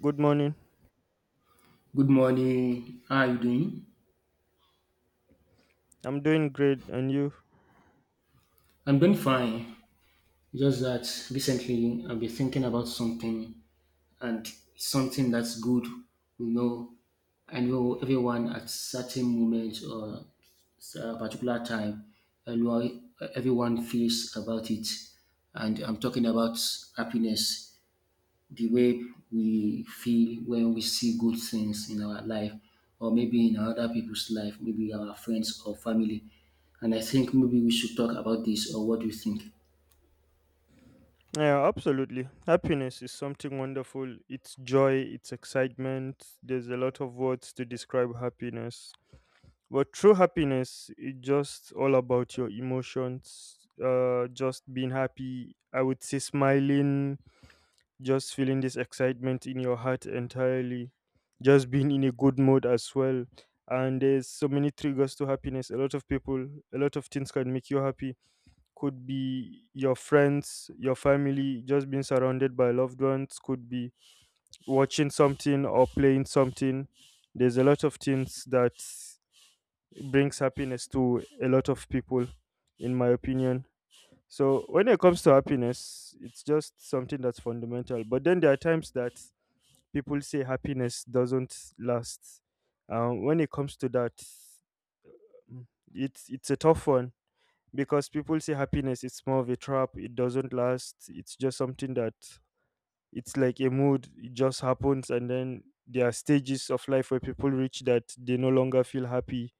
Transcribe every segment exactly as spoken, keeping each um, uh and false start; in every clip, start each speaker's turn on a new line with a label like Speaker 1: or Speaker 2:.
Speaker 1: Good morning.
Speaker 2: Good morning. How are you doing?
Speaker 1: I'm doing great, and you?
Speaker 2: I'm doing fine. Just that recently I've been thinking about something and something that's good. You know, I know everyone at certain moments or s- a particular time, I know everyone feels about it. And I'm talking about happiness, the way we feel when we see good things in our life or maybe in other people's life, maybe our friends or family. And I think maybe we should talk about this, or what do you think?
Speaker 1: Yeah, absolutely. Happiness is something wonderful. It's joy, it's excitement. There's a lot of words to describe happiness. But true happiness is just all about your emotions, uh, just being happy. I would say smiling, just feeling this excitement in your heart entirely, just being in a good mood as well. And there's so many triggers to happiness. A lot of people, a lot of things can make you happy. Could be your friends, your family, just being surrounded by loved ones. Could be watching something or playing something. There's a lot of things that brings happiness to a lot of people, in my opinion. So when it comes to happiness, it's just something that's fundamental, but then there are times that people say happiness doesn't last. Um, when it comes to that, mm, it's it's a tough one because people say happiness is more of a trap. It doesn't last. It's just something that it's like a mood. It just happens, and then there are stages of life where people reach that they no longer feel happy.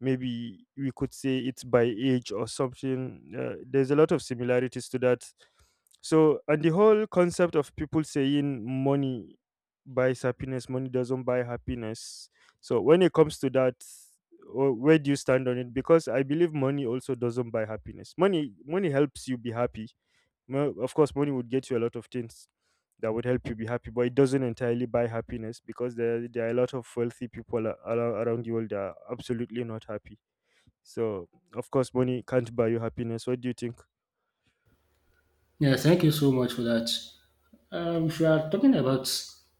Speaker 1: Maybe we could say it's by age or something. Uh, there's a lot of similarities to that. So, and the whole concept of people saying money buys happiness, money doesn't buy happiness. So when it comes to that, wh- where do you stand on it? Because I believe money also doesn't buy happiness. Money, money helps you be happy. Mo- of course, money would get you a lot of things that would help you be happy, but it doesn't entirely buy happiness because there, there are a lot of wealthy people a- arou- around the world that are absolutely not happy. So, of course, money can't buy you happiness. What do you think?
Speaker 2: Yeah, thank you so much for that. Um, if we are talking about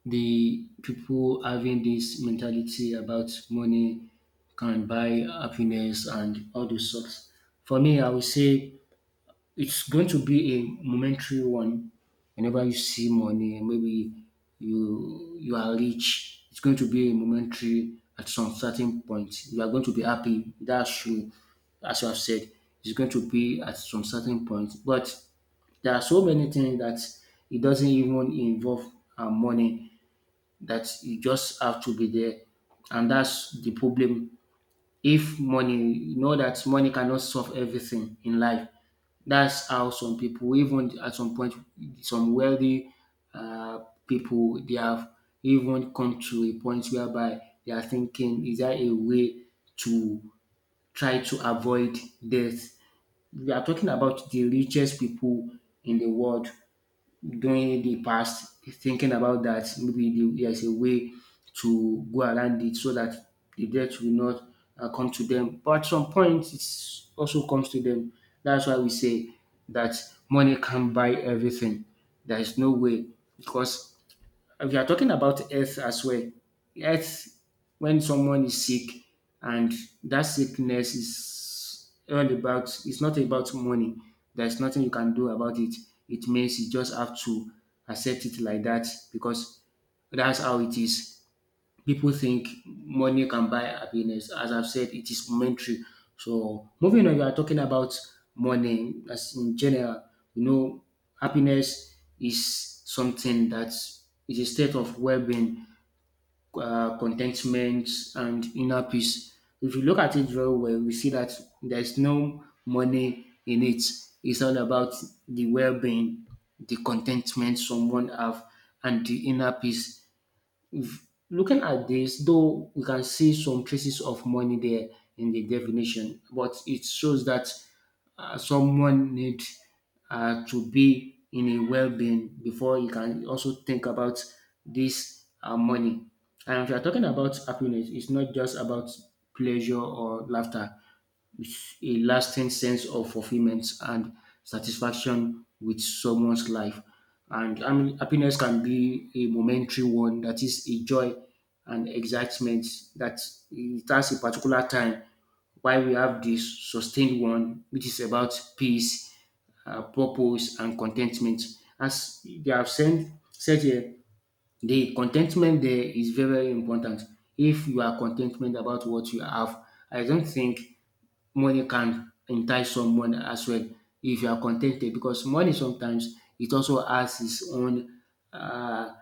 Speaker 2: the people having this mentality about money can buy happiness and all those sorts, for me, I would say it's going to be a momentary one. Whenever you see money, maybe you you are rich. It's going to be a momentary at some certain point. You are going to be happy. That's true. As you have said, it's going to be at some certain point. But there are so many things that it doesn't even involve uh, money, that you just have to be there, and that's the problem. If money, you know that money cannot solve everything in life. That's how some people, even at some point, some wealthy um people, they have even come to a point whereby they are thinking, is there a way to try to avoid death? We are talking about the richest people in the world during the past thinking about that, maybe the- there's a way to go around it so that the death will not uh, come to them. But at some point, it also comes to them. That's why we say that money can't buy everything. There is no way, because if you are talking about health as well, health, when someone is sick and that sickness is all about, it's not about money. There's nothing you can do about it. It means you just have to accept it like that, because that's how it is. People think money can buy happiness. As I've said, it is momentary. So moving on, we are talking about money as in general. You know, happiness is something that is a state of well-being, uh, contentment, and inner peace. If you look at it very well, we see that there's no money in it. It's all about the well-being, the contentment someone have, and the inner peace. Looking at this, though we can see some traces of money there in the definition, but it shows that uh, someone need uh, to be in a well-being before you can also think about this uh, money. And if you're talking about happiness, it's not just about pleasure or laughter. It's a lasting sense of fulfillment and satisfaction with someone's life. And I mean, happiness can be a momentary one, that is a joy and excitement that it has a particular time. While we have this sustained one, which is about peace, uh, purpose, and contentment. As they have said, said here, the contentment there is very, very important. If you are contentment about what you have, I don't think money can entice someone as well if you are contented, because money sometimes it also has its own um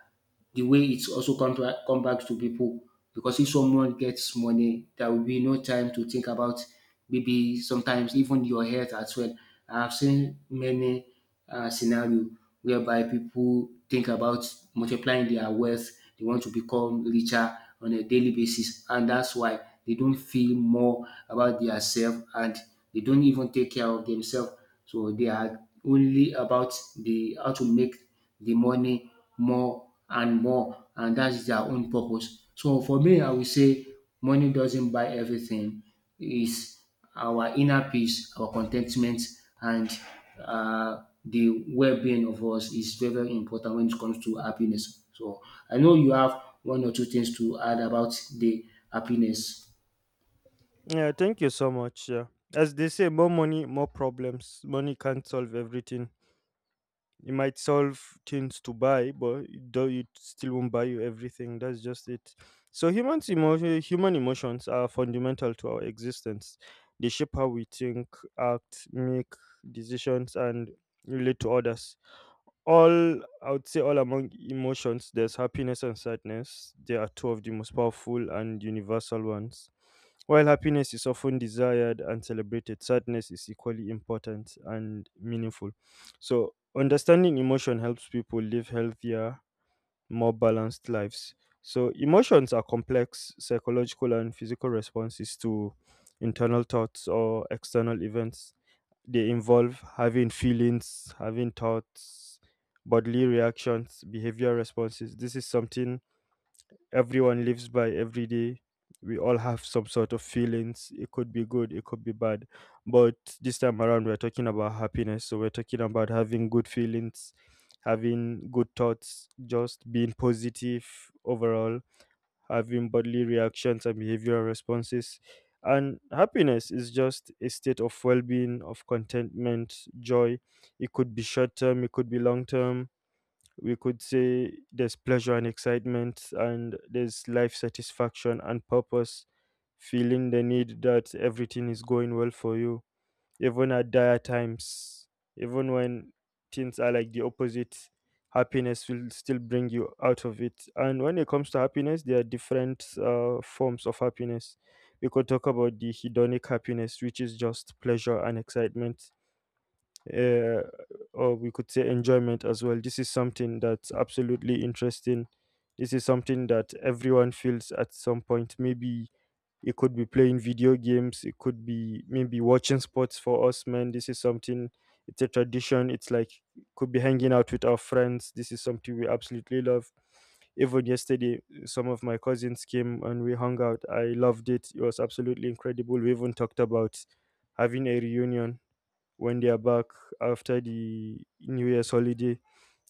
Speaker 2: the way it's also come back, come back to people. Because if someone gets money, there will be no time to think about maybe sometimes even your health as well. I've seen many uh, scenario whereby people think about multiplying their wealth. They want to become richer on a daily basis, and that's why they don't feel more about their self and they don't even take care of themselves. So they are only about the how to make the money more and more, and that is their own purpose. So for me, I will say money doesn't buy everything. It's our inner peace, our contentment, and uh, the well-being of us is very, very important when it comes to happiness. So I know you have one or two things to add about the happiness.
Speaker 1: Yeah, thank you so much. Yeah. As they say, more money, more problems. Money can't solve everything. It might solve things to buy, but it though it still won't buy you everything. That's just it. So humans emotion, human emotions are fundamental to our existence. They shape how we think, act, make decisions, and relate to others. All I would say, all among emotions, there's happiness and sadness. They are two of the most powerful and universal ones. While happiness is often desired and celebrated, sadness is equally important and meaningful. So understanding emotion helps people live healthier, more balanced lives. So, emotions are complex psychological and physical responses to internal thoughts or external events. They involve having feelings, having thoughts, bodily reactions, behavior responses. This is something everyone lives by every day. We all have some sort of feelings. It could be good, it could be bad. But this time around, we're talking about happiness. So we're talking about having good feelings, having good thoughts, just being positive overall, having bodily reactions and behavioral responses. And happiness is just a state of well being, of contentment, joy. It could be short term, it could be long term. We could say there's pleasure and excitement, and there's life satisfaction and purpose, feeling the need that everything is going well for you, even at dire times, even when things are like the opposite. Happiness will still bring you out of it. And when it comes to happiness, there are different uh, forms of happiness. We could talk about the hedonic happiness, which is just pleasure and excitement, uh, or we could say enjoyment as well. This is something that's absolutely interesting. This is something that everyone feels at some point. Maybe it could be playing video games, it could be maybe watching sports for us men. This is something, it's a tradition. It's like, could be hanging out with our friends. This is something we absolutely love. Even yesterday, some of my cousins came and we hung out. I loved it. It was absolutely incredible. We even talked about having a reunion when they are back after the New Year's holiday.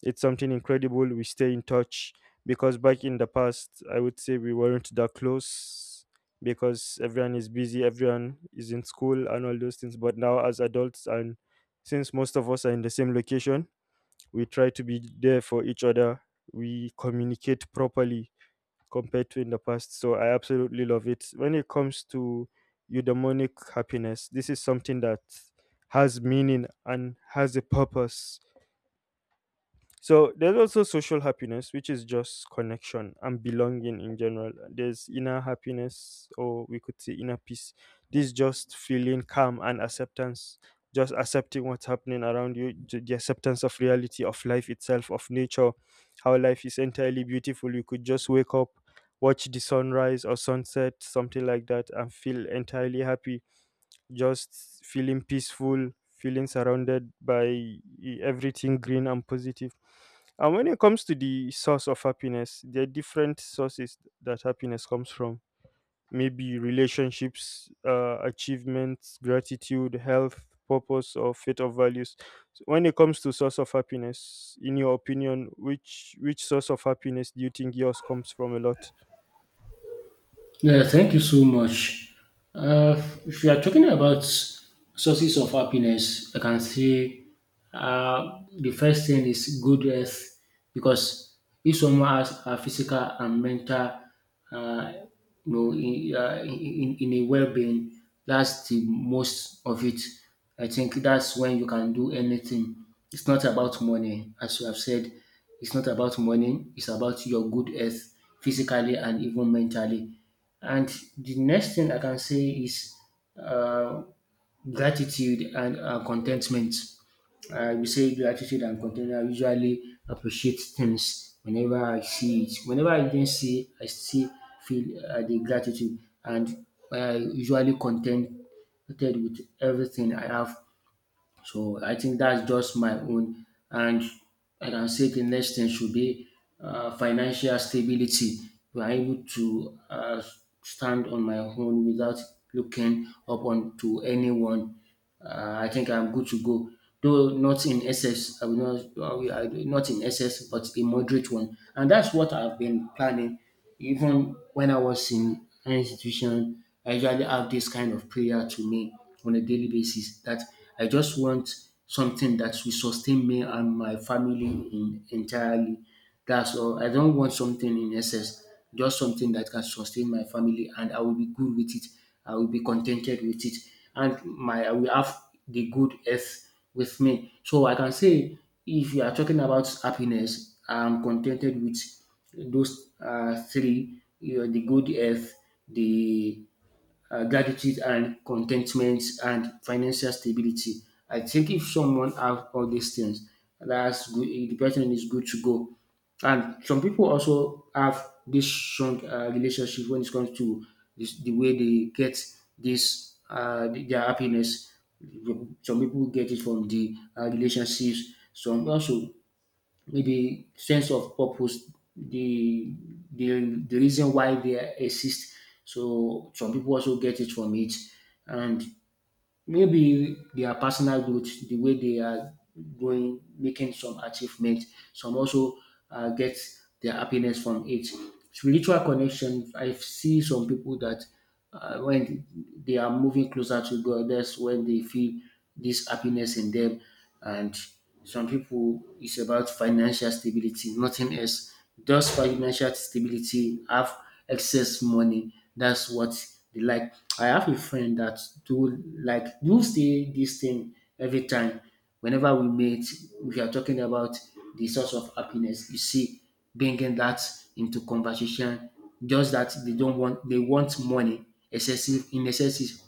Speaker 1: It's something incredible. We stay in touch because back in the past, I would say we weren't that close because everyone is busy, everyone is in school, and all those things. But now, as adults, and since most of us are in the same location, we try to be there for each other. We communicate properly compared to in the past. So I absolutely love it. When it comes to eudaimonic happiness, this is something that has meaning and has a purpose. So there's also social happiness, which is just connection and belonging in general. There's inner happiness, or we could say inner peace. This just feeling calm and acceptance, just accepting what's happening around you, j- the acceptance of reality, of life itself, of nature, how life is entirely beautiful. You could just wake up, watch the sunrise or sunset, something like that, and feel entirely happy, just feeling peaceful, feeling surrounded by e-, everything green and positive. And when it comes to the source of happiness, there are different sources that happiness comes from. Maybe relationships, uh, achievements, gratitude, health, purpose, or fit of values. So when it comes to source of happiness, in your opinion, which which source of happiness do you think yours comes from a lot?
Speaker 2: Yeah, thank you so much. Uh, if you are talking about sources of happiness, I can say uh, the first thing is good health, because if someone has a physical and mental, uh, you know, in, uh, in, in in a well-being, that's the most of it. I think that's when you can do anything. It's not about money, as you have said. It's not about money. It's about your good health, physically and even mentally. And the next thing I can say is uh, gratitude and uh, contentment. I will say gratitude and contentment. I usually appreciate things whenever I see it. Whenever I didn't see, I still feel uh, the gratitude, and I usually contented with everything I have, so I think that's just my own. And I can say the next thing should be uh, financial stability. We are able to uh, stand on my own without looking up on to anyone. Uh, I think I'm good to go. Though not in excess, I will not, I will- I will- not in excess, but a moderate one. And that's what I've been planning. Even when I was in an institution, I usually have this kind of prayer to me on a daily basis that I just want something that will sustain me and my family in, entirely. That's all. I don't want something in excess, just something that can sustain my family and I will be good with it. I will be contented with it. And my I will have the good earth with me. So I can say if you are talking about happiness, I'm contented with those uh, three, you know, the good health, the uh, gratitude and contentment, and financial stability. I think if someone have all these things, that's good. The person is good to go. And some people also have this strong uh, relationship when it comes to this, the way they get this uh, their happiness. Some people get it from the uh, relationships. Some also maybe sense of purpose, the the the reason why they exist. So some people also get it from it, and maybe their personal growth, the way they are going, making some achievement. Some also uh, get their happiness from it. Spiritual connection. I see some people that uh, when they are moving closer to God, that's when they feel this happiness in them, and some people it's about financial stability, nothing else. Just financial stability, have excess money. That's what they like. I have a friend that do like do say this thing every time. Whenever we meet, we are talking about the source of happiness. You see, bringing that into conversation. Just that they don't want, they want money excessive, in excessive,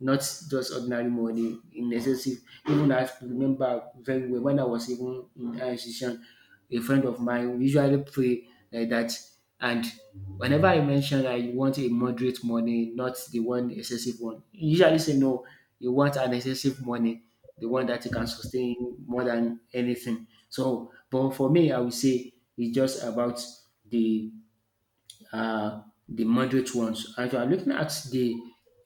Speaker 2: not just ordinary money, in excessive. Even I remember very well when I was even in higher institution, a friend of mine usually pray like that. And whenever I mention I want a moderate money, not the one excessive one, he usually say, no, you want an excessive money, the one that you can sustain more than anything. So, but for me, I would say it's just about the are the moderate ones. If you are looking at the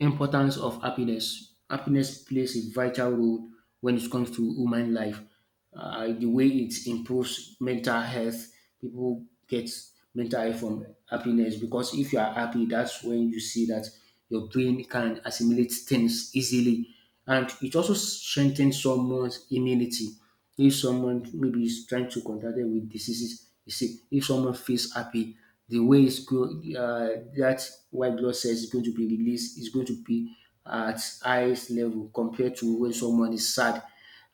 Speaker 2: importance of happiness, happiness plays a vital role when it comes to human life. Uh, the way it improves mental health, people get mental health from happiness, because if you are happy, that's when you see that your brain can assimilate things easily, and it also strengthens someone's immunity. If someone maybe is trying to contact them with diseases, you see, if someone feels happy, the way it's go, uh, that white blood cells is going to be released, is going to be at highest level compared to when someone is sad.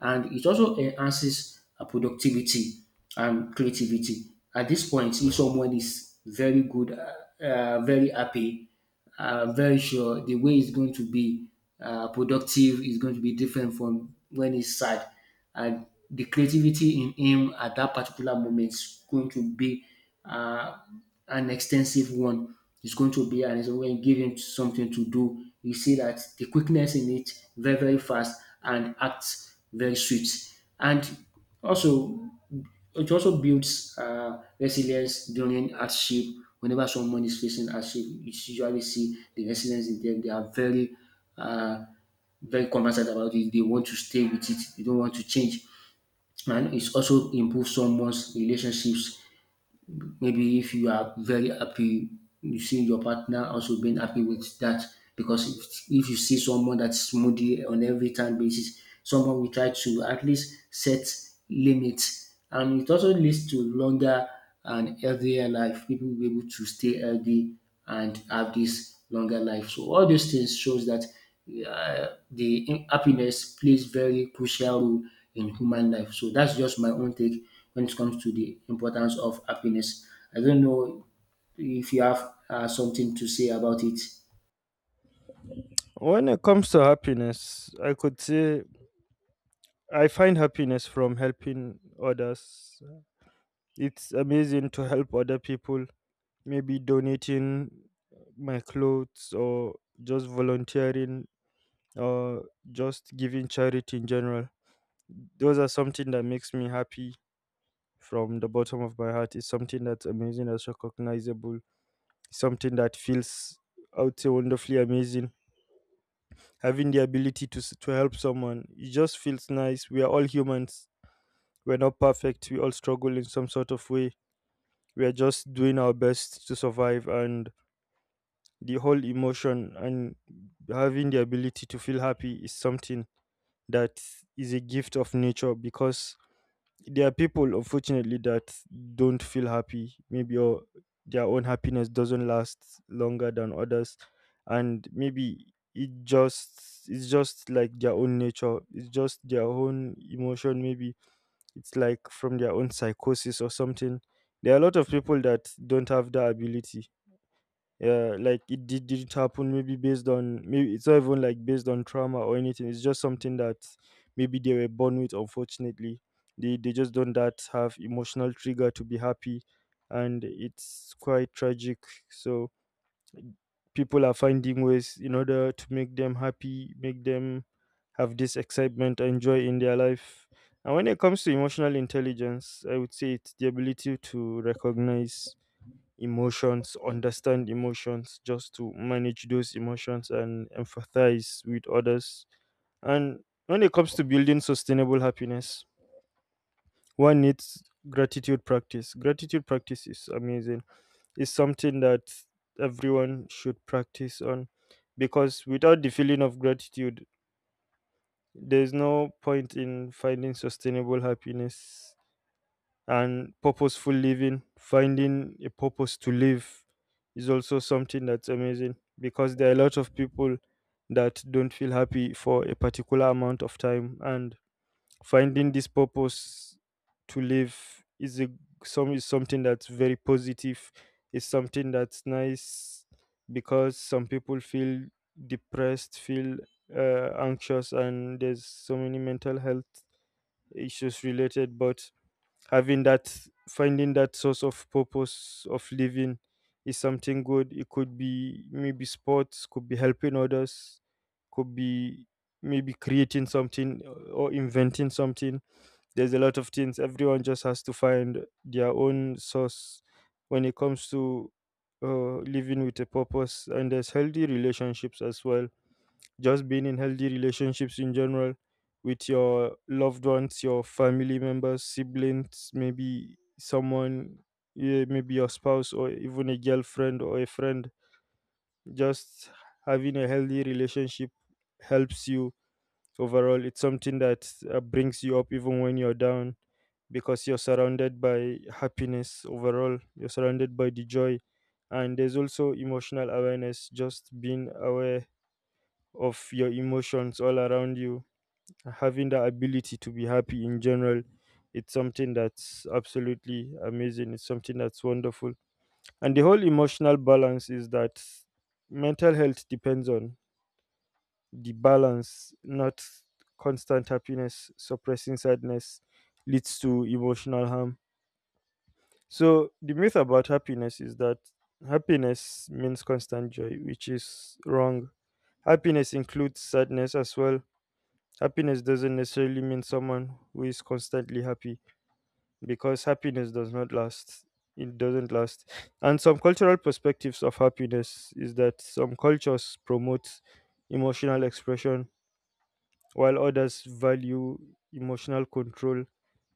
Speaker 2: And it also enhances uh, productivity and creativity. At this point, if someone is very good, uh, uh, very happy, I'm very sure the way it's going to be uh, productive is going to be different from when he's sad. And the creativity in him at that particular moment is going to be uh, an extensive one. It's going to be, and it's going to give him something to do. You see that the quickness in it very, very fast and acts very sweet. And also, it also builds uh, resilience during hardship. Whenever someone is facing hardship, you usually see the resilience in them. They are very, uh, very conversant about it. They want to stay with it. They don't want to change. And it also improves someone's relationships. Maybe if you are very happy, you see your partner also being happy with that. Because if, if you see someone that's moody on every time basis, someone will try to at least set limits. And it also leads to longer and healthier life. People will be able to stay healthy and have this longer life. So all these things shows that uh, the in- happiness plays very crucial role in human life. So that's just my own take when it comes to the importance of happiness. I don't know if you have uh, something to say about it.
Speaker 1: When it comes to happiness, I could say I find happiness from helping others. It's amazing to help other people, maybe donating my clothes, or just volunteering, or just giving charity in general. Those are something that makes me happy from the bottom of my heart. It's something that's amazing, that's recognizable, something that feels, I would say, wonderfully amazing, having the ability to s- to help someone. It just feels nice. We are all humans. We're not perfect. We all struggle in some sort of way. We are just doing our best to survive, and the whole emotion and having the ability to feel happy is something that is a gift of nature because there are people, unfortunately, that don't feel happy maybe, or their own happiness doesn't last longer than others. And maybe it just, it's just like their own nature, it's just their own emotion, maybe it's like from their own psychosis or something. There are a lot of people that don't have that ability. Yeah, like it did didn't happen. Maybe based on, maybe it's not even like based on trauma or anything. It's just something that maybe they were born with. Unfortunately, they they just don't that have emotional trigger to be happy, and it's quite tragic. So people are finding ways in order to make them happy, make them have this excitement and joy in their life. And when it comes to emotional intelligence, I would say it's the ability to recognize emotions, understand emotions, just to manage those emotions and empathize with others. And when it comes to building sustainable happiness, one needs gratitude practice. Gratitude practice is amazing. It's something that everyone should practice on because, without the feeling of gratitude, there's no point in finding sustainable happiness. And purposeful living, finding a purpose to live is also something that's amazing, because there are a lot of people that don't feel happy for a particular amount of time, and finding this purpose to live is a some is something that's very positive. It's something that's nice because some people feel depressed, feel uh, anxious, and there's so many mental health issues related. But having that, finding that source of purpose of living is something good. It could be maybe sports, could be helping others, could be maybe creating something, uh, or inventing something. There's a lot of things. Everyone just has to find their own source when it comes to uh, living with a purpose. And there's healthy relationships as well, just being in healthy relationships in general, with your loved ones, your family members, siblings, maybe someone, yeah, maybe your spouse, or even a girlfriend or a friend. Just having a healthy relationship helps you overall. It's something that uh, brings you up even when you're down, because you're surrounded by happiness overall, you're surrounded by the joy. And there's also emotional awareness, just being aware of your emotions all around you, having the ability to be happy in general. It's something that's absolutely amazing, it's something that's wonderful. And the whole emotional balance is that mental health depends on the balance, not constant happiness. Suppressing sadness leads to emotional harm. So the myth about happiness is that happiness means constant joy, which is wrong. Happiness includes sadness as well. Happiness doesn't necessarily mean someone who is constantly happy, because happiness does not last. It doesn't last. And some cultural perspectives of happiness is that some cultures promote emotional expression while others value emotional control.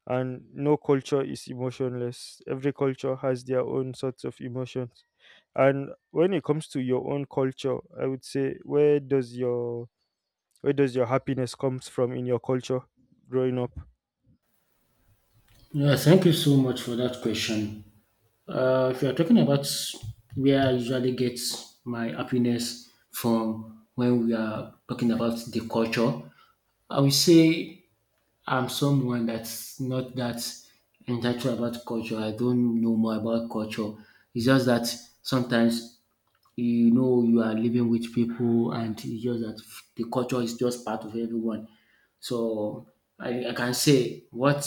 Speaker 1: And no culture is emotionless. Every culture has their own sorts of emotions. And when it comes to your own culture, I would say, where does your where does your happiness comes from in your culture growing up?
Speaker 2: Yeah, thank you so much for that question. Uh, if you're talking about where I usually get my happiness from when we are talking about the culture, I would say I'm someone that's not that intellectual about culture. I don't know more about culture. It's just that sometimes you know you are living with people, and it's just that the culture is just part of everyone. So I, I can say what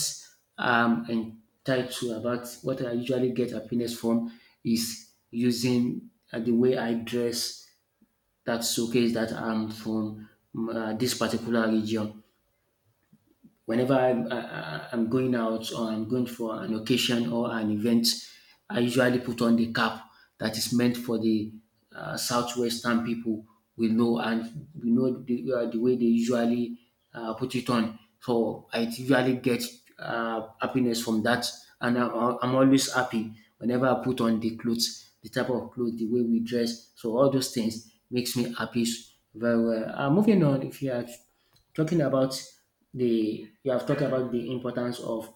Speaker 2: I'm entitled to about what I usually get happiness from is using uh, the way I dress that showcase that I'm from uh, this particular region. Whenever I'm, I, I- am going out or I'm going for an occasion or an event, I usually put on the cap that is meant for the uh, southwestern people. We know and we know the, uh, the way they usually uh, put it on. So I usually get uh, happiness from that, and I'm, uh, I'm always happy whenever I put on the clothes, the type of clothes, the way we dress. So all those things makes me happy very well. Uh, moving on, if you are talking about the you have talked about the importance of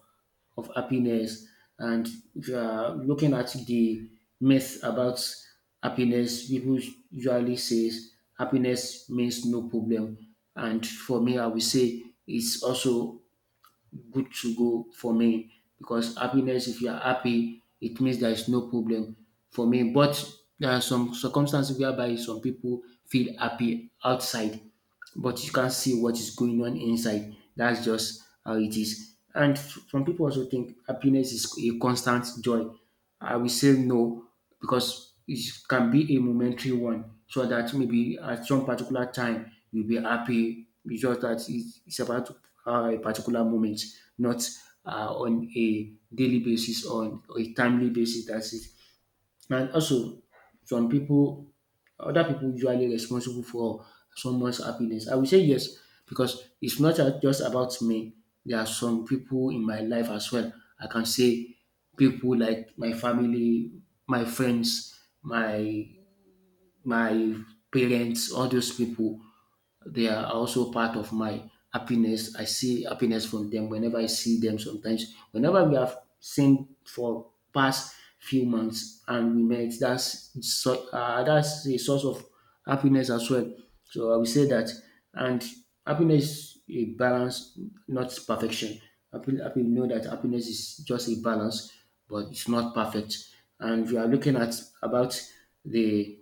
Speaker 2: of happiness, and if you are looking at the myth about happiness, people usually says happiness means no problem, and for me I will say it's also good to go for me, because happiness, if you are happy it means there is no problem for me. But there are some circumstances whereby some people feel happy outside, but you can't see what is going on inside. That's just how it is. And f- some people also think happiness is a constant joy. I will say no, because it can be a momentary one, so that maybe at some particular time you'll be happy. It's just that it- it's about uh, a particular moment, not uh, on a daily basis, on a timely basis. That's it. And also, some people other people usually responsible for someone's happiness? I will say yes, because it's not a- just about me. There are some people in my life as well. I can say people like my family, my friends, my my parents, all those people, they are also part of my happiness. I see happiness from them whenever I see them sometimes. Whenever we have seen for past few months and we met, that's so, uh, that's a source of happiness as well. So I will say that. And happiness is a balance, not perfection. Happy, happy, know that happiness is just a balance, but it's not perfect. And we are looking at about the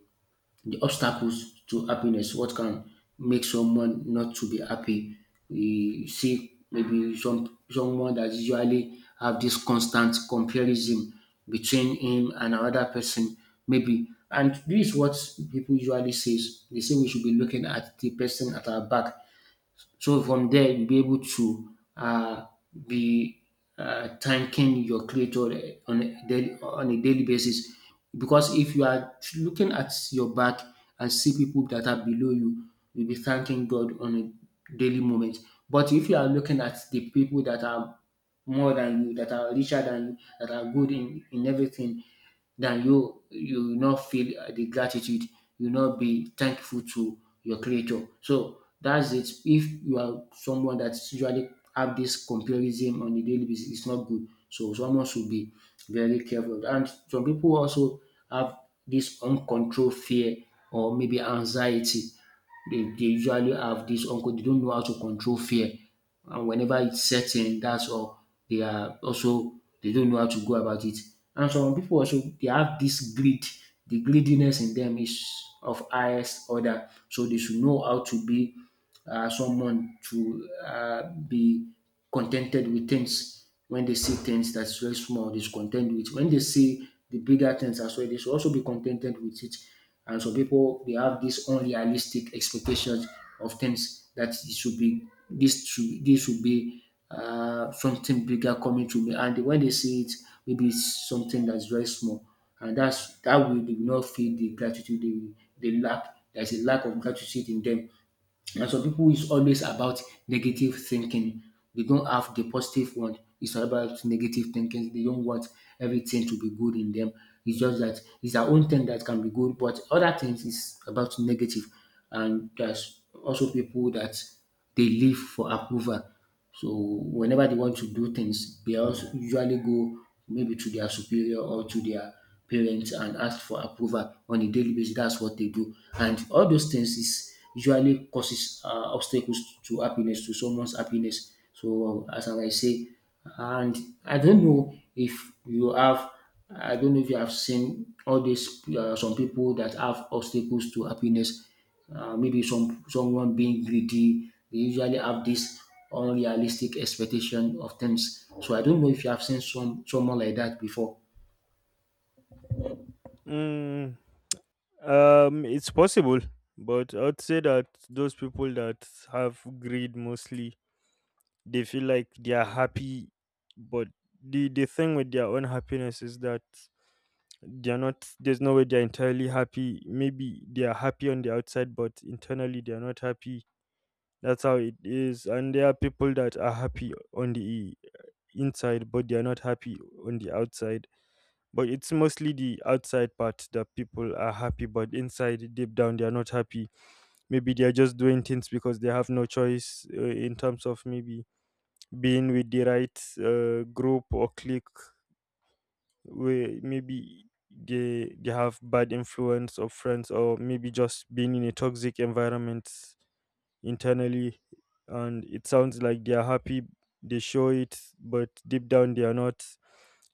Speaker 2: the obstacles to happiness, what can make someone not to be happy. We see maybe some someone that usually have this constant comparison between him and another person, maybe. And this is what people usually says. They say we should be looking at the person at our back, so from there you'll be able to uh, be uh, thanking your creator on a daily, on a daily basis. Because if you are looking at your back and see people that are below you, you'll be thanking God on a daily moment. But if you are looking at the people that are more than you, that are richer than you, that are good in, in everything, then you you will not feel uh, the gratitude, you will not be thankful to your creator. So that's it. If you are someone that usually have this comparison on a daily basis, it's not good, so someone should be very careful. And some people also have this uncontrolled fear or maybe anxiety. They they usually have this uncle, they don't know how to control fear. And whenever it sets in, that's all. They are also they don't know how to go about it. And some people also they have this greed. The greediness in them is of highest order. So they should know how to be uh, someone to uh, be contented with things. When they see things that's very small, they're content with. When they see the bigger things as well, they should also be contented with it. And so people they have these unrealistic expectations of things that it should be this should this should be uh, something bigger coming to me. And when they see it, maybe it's something that's very small. And that's that will they will not feel the gratitude, they, they lack. There's a lack of gratitude in them. And some people is always about negative thinking. They don't have the positive one. It's all about negative thinking. They don't want everything to be good in them. It's just that it's their own thing that can be good, but other things is about negative. And there's also people that they live for approval. So whenever they want to do things, they also usually go maybe to their superior or to their parents and ask for approval on a daily basis. That's what they do, and all those things is usually causes uh, obstacles to happiness to someone's happiness. So as I might say, and I don't know if you have, I don't know if you have seen all these uh, some people that have obstacles to happiness, uh, maybe some someone being greedy. They usually have this unrealistic expectation of things. So I don't know if you have seen some someone like that before.
Speaker 1: Mm, um, it's possible, but I'd say that those people that have greed mostly, they feel like they are happy, but the the thing with their own happiness is that they're not there's no way they're entirely happy. Maybe they are happy on the outside, but internally they're not happy. That's how it is, and there are people that are happy on the inside but they're not happy on the outside. But it's mostly the outside part that people are happy, but inside deep down they're not happy. Maybe they're just doing things because they have no choice, uh, in terms of maybe being with the right uh, group or clique, where maybe they they have bad influence of friends, or maybe just being in a toxic environment internally, and it sounds like they are happy. They show it, but deep down they are not.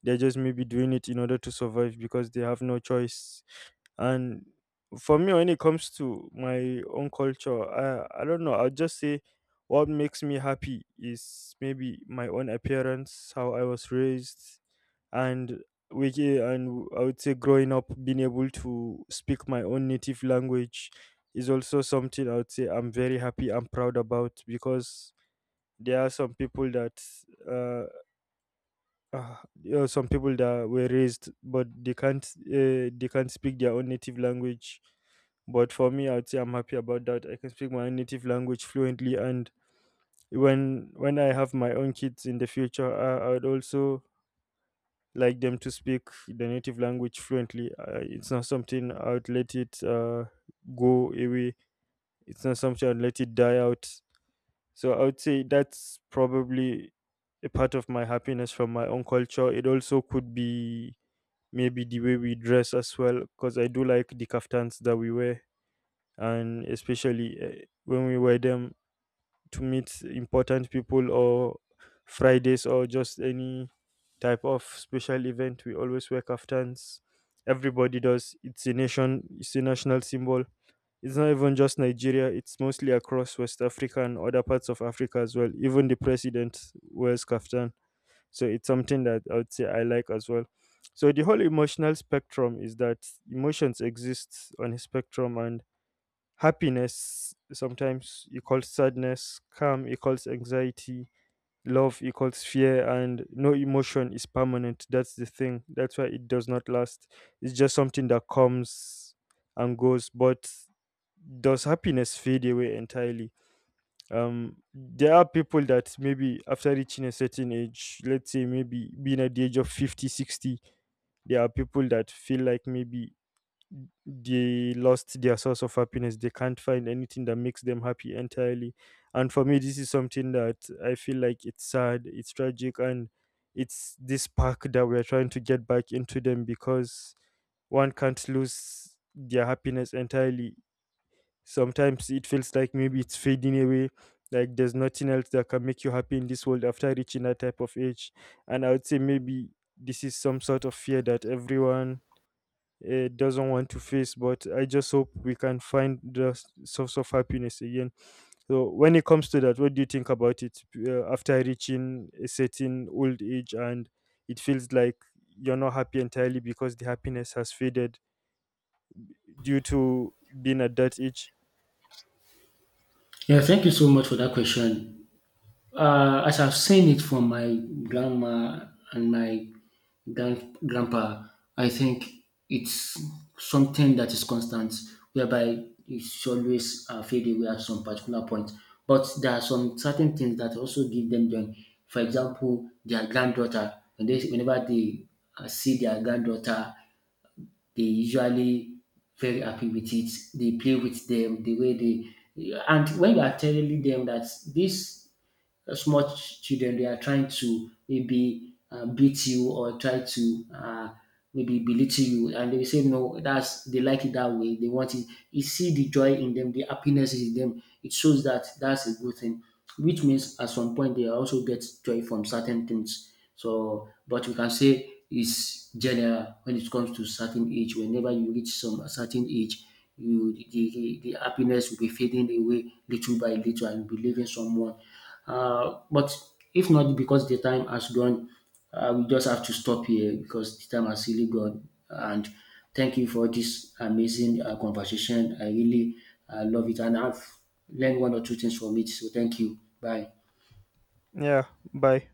Speaker 1: They're just maybe doing it in order to survive because they have no choice. And for me, when it comes to my own culture, I, I don't know. I'll just say what makes me happy is maybe my own appearance, how I was raised, and we ca- and I would say growing up, being able to speak my own native language is also something I would say I'm very happy and proud about, because there are some people that uh, uh, there are some people that were raised but they can't uh, they can't speak their own native language. But for me, I'd say I'm happy about that, I can speak my own native language fluently. And when when I have my own kids in the future, i, I would also like them to speak the native language fluently. Uh, it's not something I would let it uh, go away, it's not something I'd let it die out. So I would say that's probably a part of my happiness from my own culture. It also could be maybe the way we dress as well, because I do like the kaftans that we wear, and especially uh, when we wear them to meet important people, or Fridays, or just any type of special event, we always wear kaftans. Everybody does. It's a nation, it's a national symbol. It's not even just Nigeria, it's mostly across West Africa and other parts of Africa as well. Even the president wears kaftan. So it's something that I would say I like as well. So the whole emotional spectrum is that emotions exist on a spectrum, and happiness sometimes equals sadness, calm equals anxiety, love equals fear, and no emotion is permanent. That's the thing, that's why it does not last. It's just something that comes and goes. But does happiness fade away entirely? Um, there are people that maybe after reaching a certain age, let's say maybe being at the age of fifty, sixty, there are people that feel like maybe they lost their source of happiness. They can't find anything that makes them happy entirely. And for me, this is something that I feel like it's sad, it's tragic, and it's this spark that we're trying to get back into them, because one can't lose their happiness entirely. Sometimes it feels like maybe it's fading away, like there's nothing else that can make you happy in this world after reaching that type of age. And I would say maybe this is some sort of fear that everyone uh, doesn't want to face, but I just hope we can find the s- source of happiness again. So when it comes to that, what do you think about it, uh, after reaching a certain old age and it feels like you're not happy entirely because the happiness has faded due to being at that age?
Speaker 2: Yeah, thank you so much for that question. Uh, as I've seen it from my grandma and my grand, grandpa, I think it's something that is constant, whereby it's always uh, fade away at some particular point. But there are some certain things that also give them joy. For example, their granddaughter. When they, whenever they uh, see their granddaughter, they usually very happy with it. They play with them the way they, and when you are telling them that this uh, small ch- children they are trying to maybe uh, beat you or try to uh, maybe belittle you, and they say no, that's they like it that way, they want it. You see the joy in them, the happiness is in them. It shows that that's a good thing, which means at some point they also get joy from certain things. So but we can say it's general when it comes to certain age. Whenever you reach some certain age, you the, the, the happiness will be fading away little by little and be leaving someone. Uh, but if not because the time has gone, uh, we just have to stop here because the time has really gone. And thank you for this amazing uh, conversation. I really uh, love it, and I've learned one or two things from it. So thank you. Bye.
Speaker 1: Yeah, bye.